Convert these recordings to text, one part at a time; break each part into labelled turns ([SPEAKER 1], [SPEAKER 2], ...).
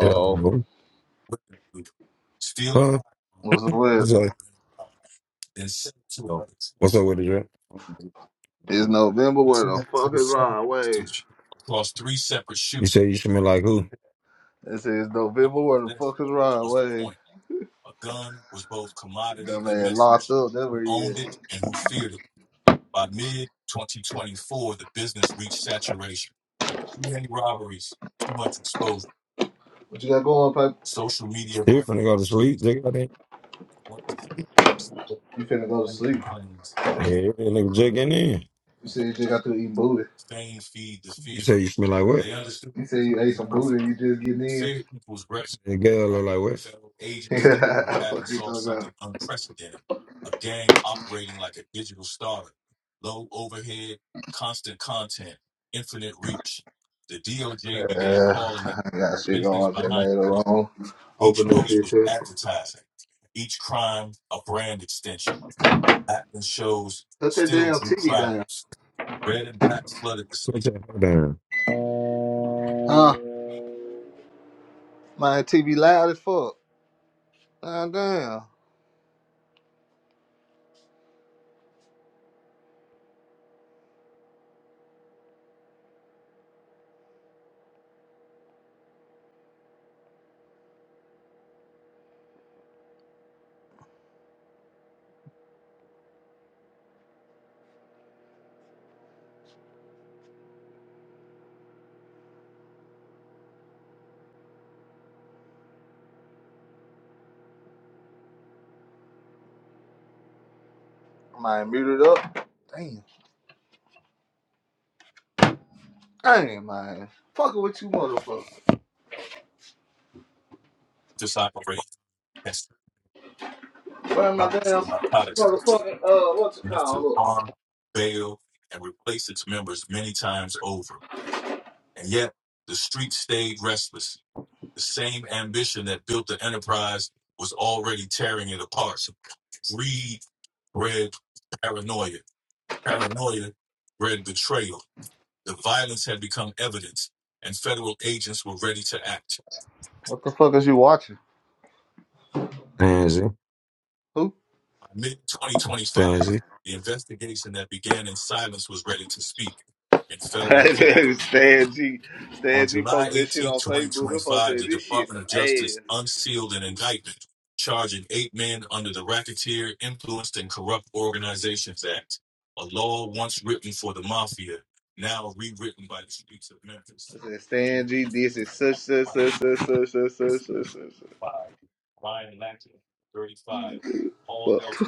[SPEAKER 1] Yeah. Huh?
[SPEAKER 2] what's the whip?
[SPEAKER 1] What's up? What's up with it, Jack?
[SPEAKER 2] It's November. Where the fuck is Ron Way?
[SPEAKER 1] You say you smell like who?
[SPEAKER 2] This is November. Where the fuck is Ron Way? That man locked up. That's where he is. What you got going, Pop?
[SPEAKER 1] You finna go to sleep, Jake? I think.
[SPEAKER 2] You finna go to sleep.
[SPEAKER 1] Yeah, that nigga Jake in there.
[SPEAKER 2] You said you just got to eat booty.
[SPEAKER 1] You say you smell like what?
[SPEAKER 2] You said you ate some booty and you just getting in.
[SPEAKER 1] The girl look like what? Put
[SPEAKER 2] Yeah, what you talking about? Yeah, I got shit going. I just made it wrong. Open that shit too. Put that damn TV down.
[SPEAKER 1] your hair down.
[SPEAKER 2] Huh? My TV loud as fuck. God damn. I might mute it up. Damn. Damn, man. Fucking with you, motherfuckers! Where my damn motherfucking, uh, what's it called? Look. What the fuck is you watching? Who?
[SPEAKER 1] Fancy.
[SPEAKER 2] Stan G. Stan G posted that shit on Facebook. They posted this shit some ass. I said, Stan G, this is such, such, such, such, such, such, such, such, such. such." Fuck.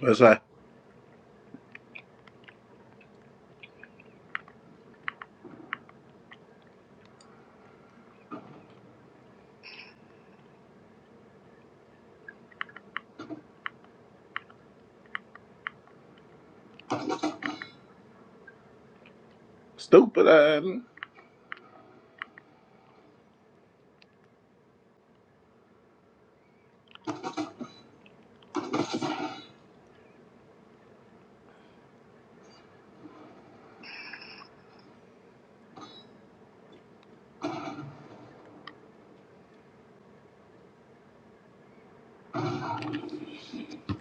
[SPEAKER 2] That's like, stupid, I ain't.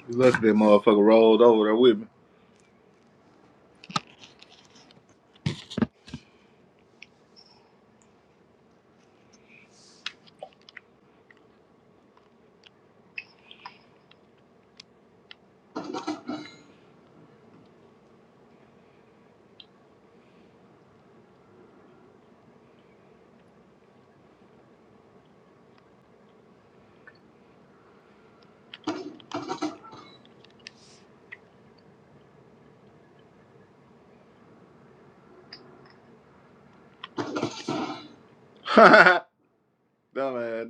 [SPEAKER 2] You lucky that motherfucker rolled over there with me. Dumb ass.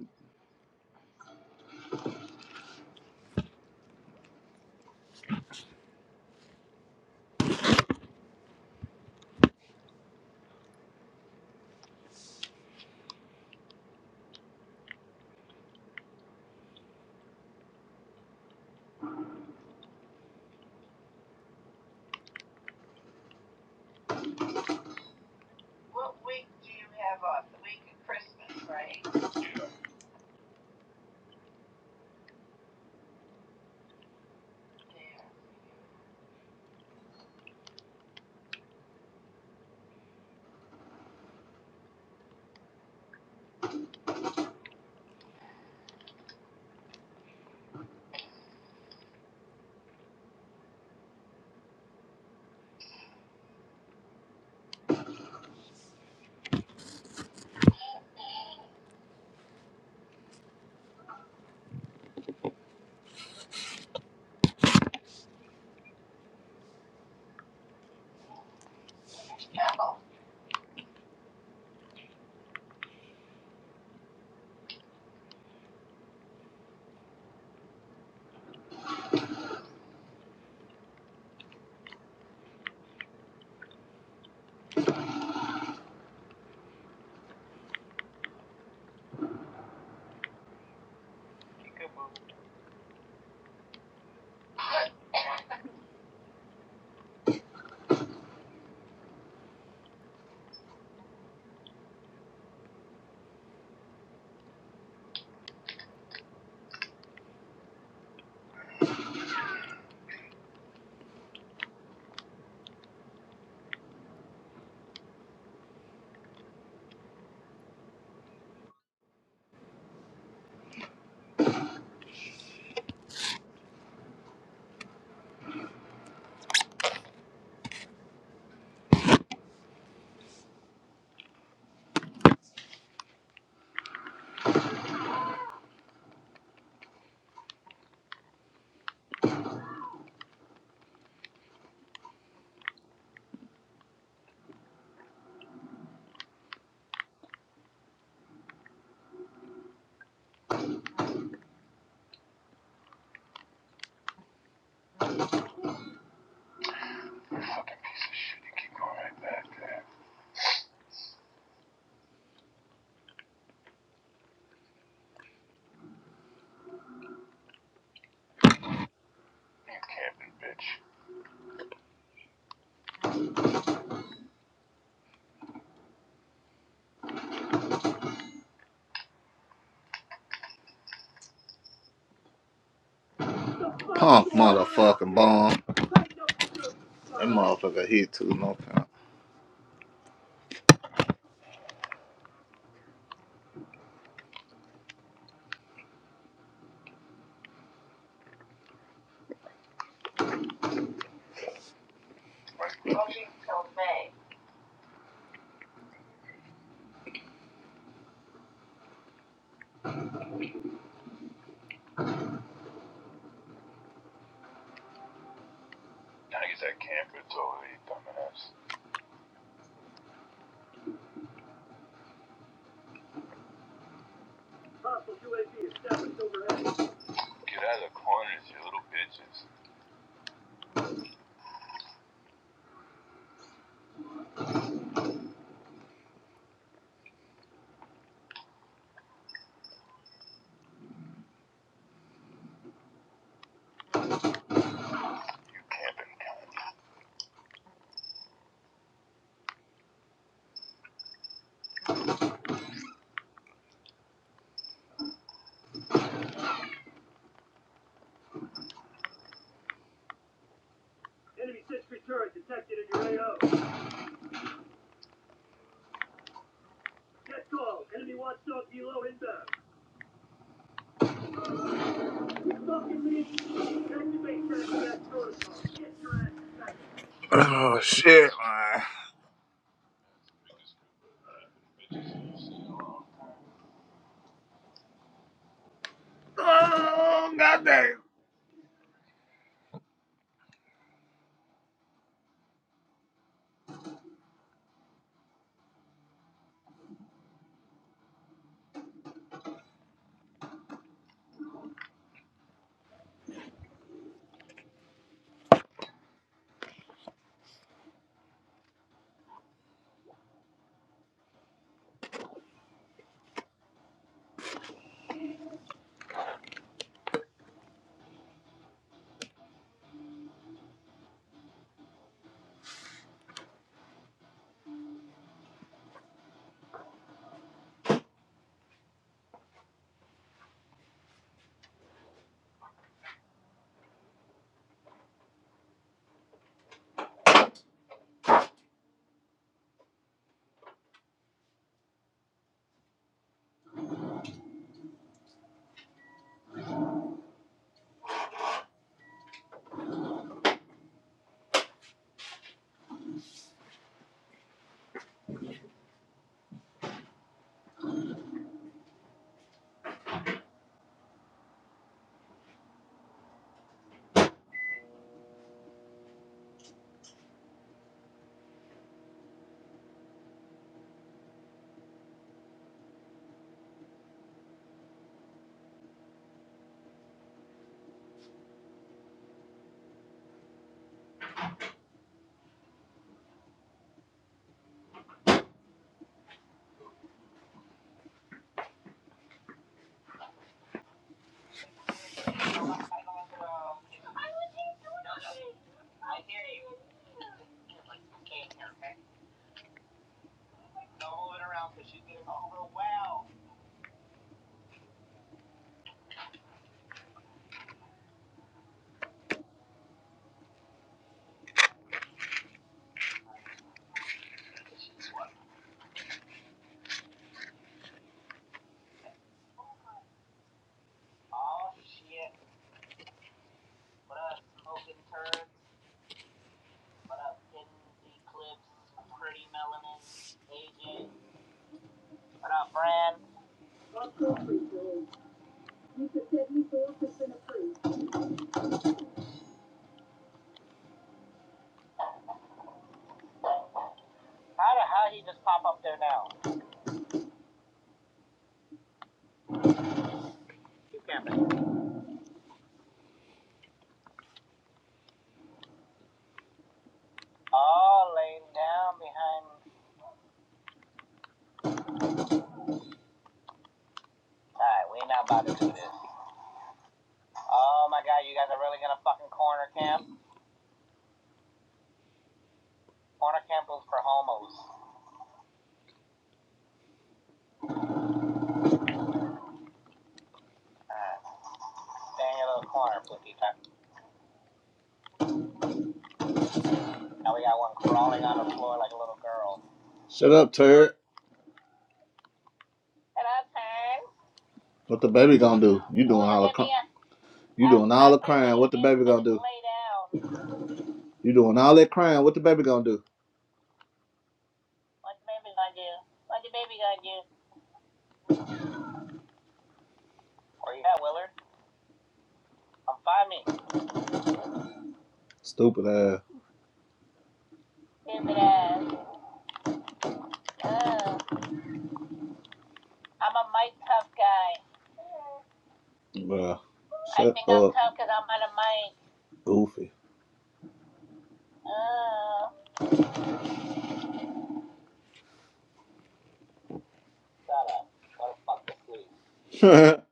[SPEAKER 2] Punk motherfucking bomb. That motherfucker hit too, no count. Oh, shit, man. Oh, goddamn. Shut up, turd. What the baby gonna do? You doing all the crying? you doing all the crying. What the baby gonna do? You doing all that crying. What the baby gonna do? Stupid ass. Bruh. Shut up. I think I'm tough because I'm out of mind. Goofy.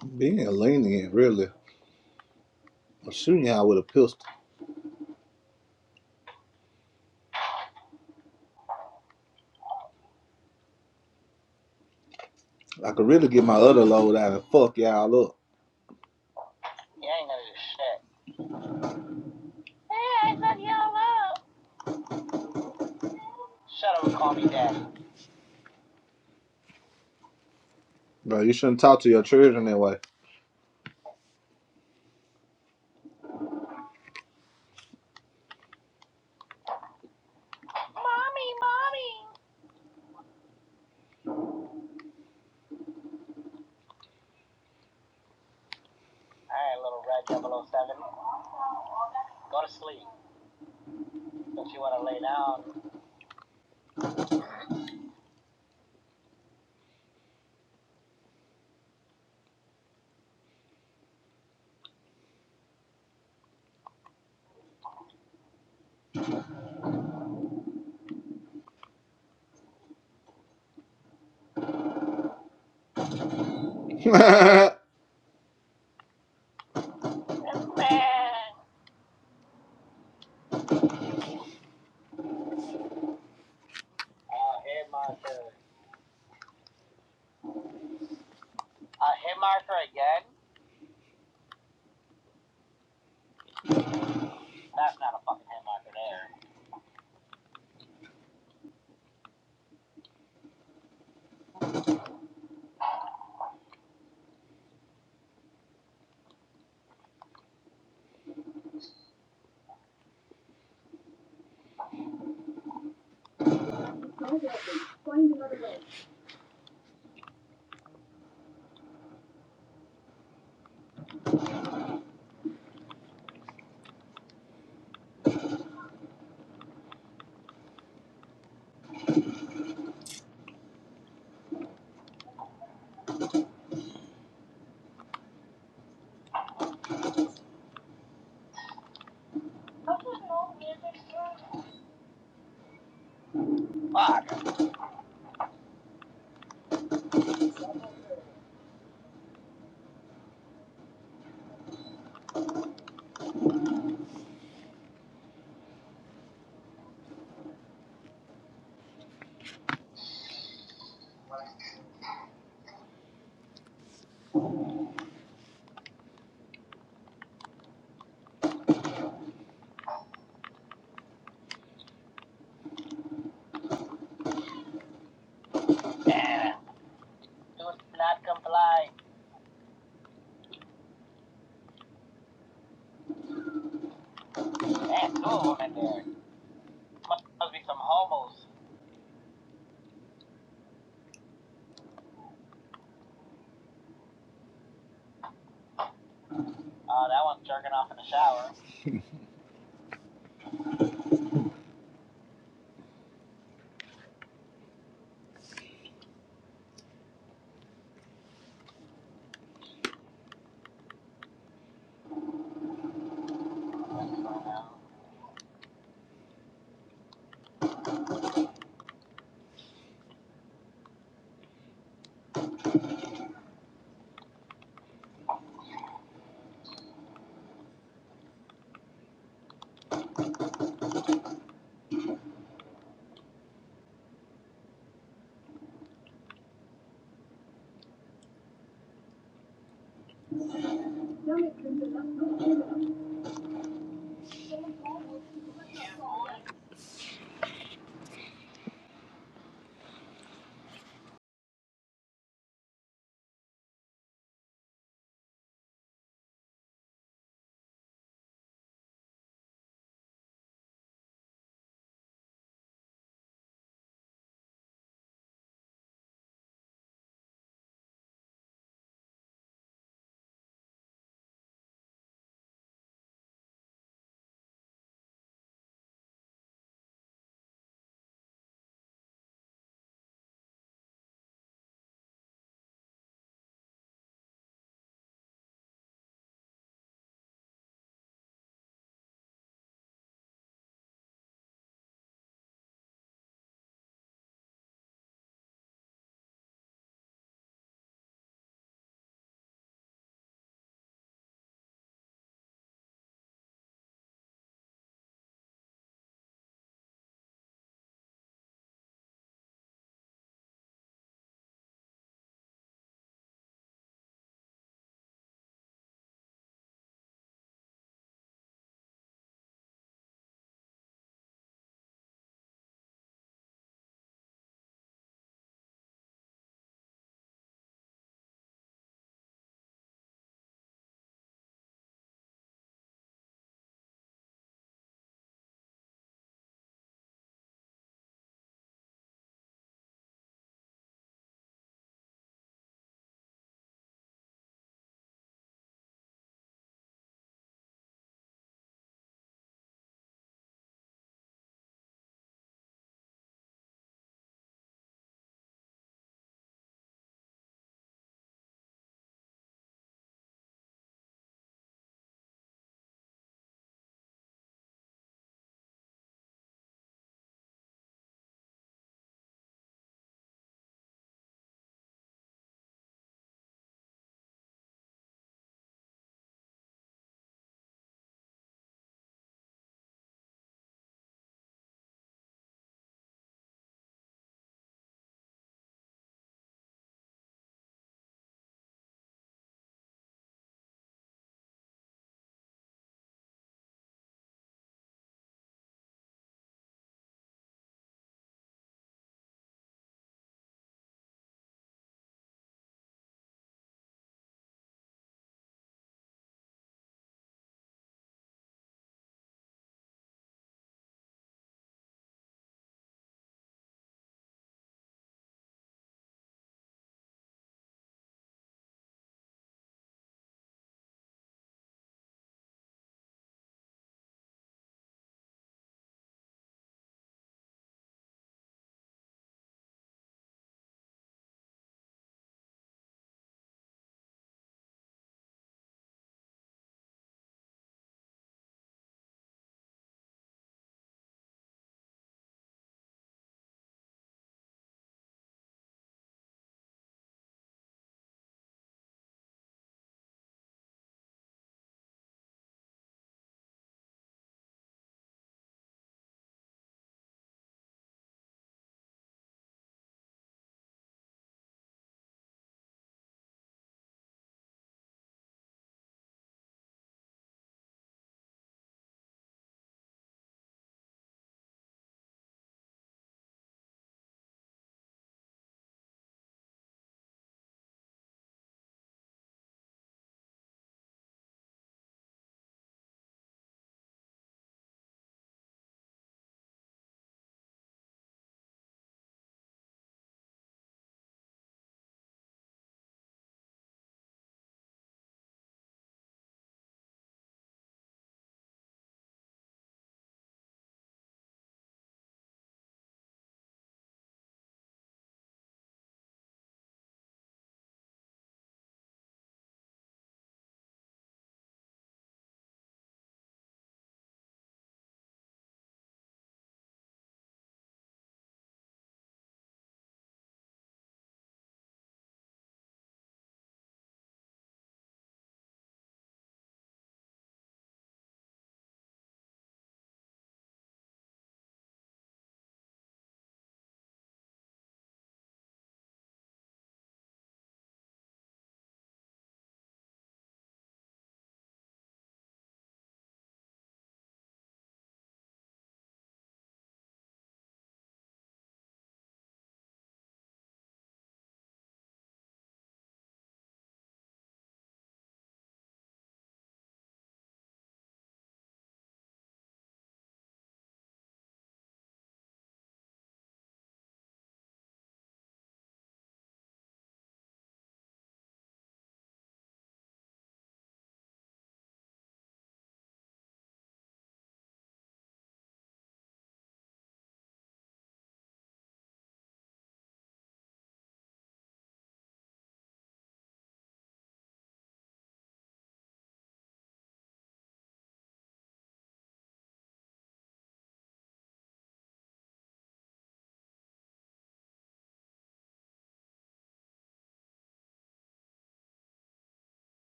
[SPEAKER 2] Being lenient, really. I'm shooting y'all with a pistol. I could really get my other load out and fuck y'all up. Bro, you shouldn't talk to your children that way.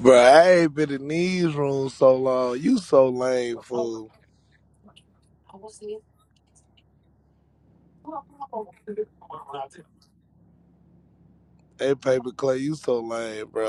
[SPEAKER 3] Bro, I ain't been in these rooms so long. You so lame, fool. Hey, Paper Clay, you so lame, bro.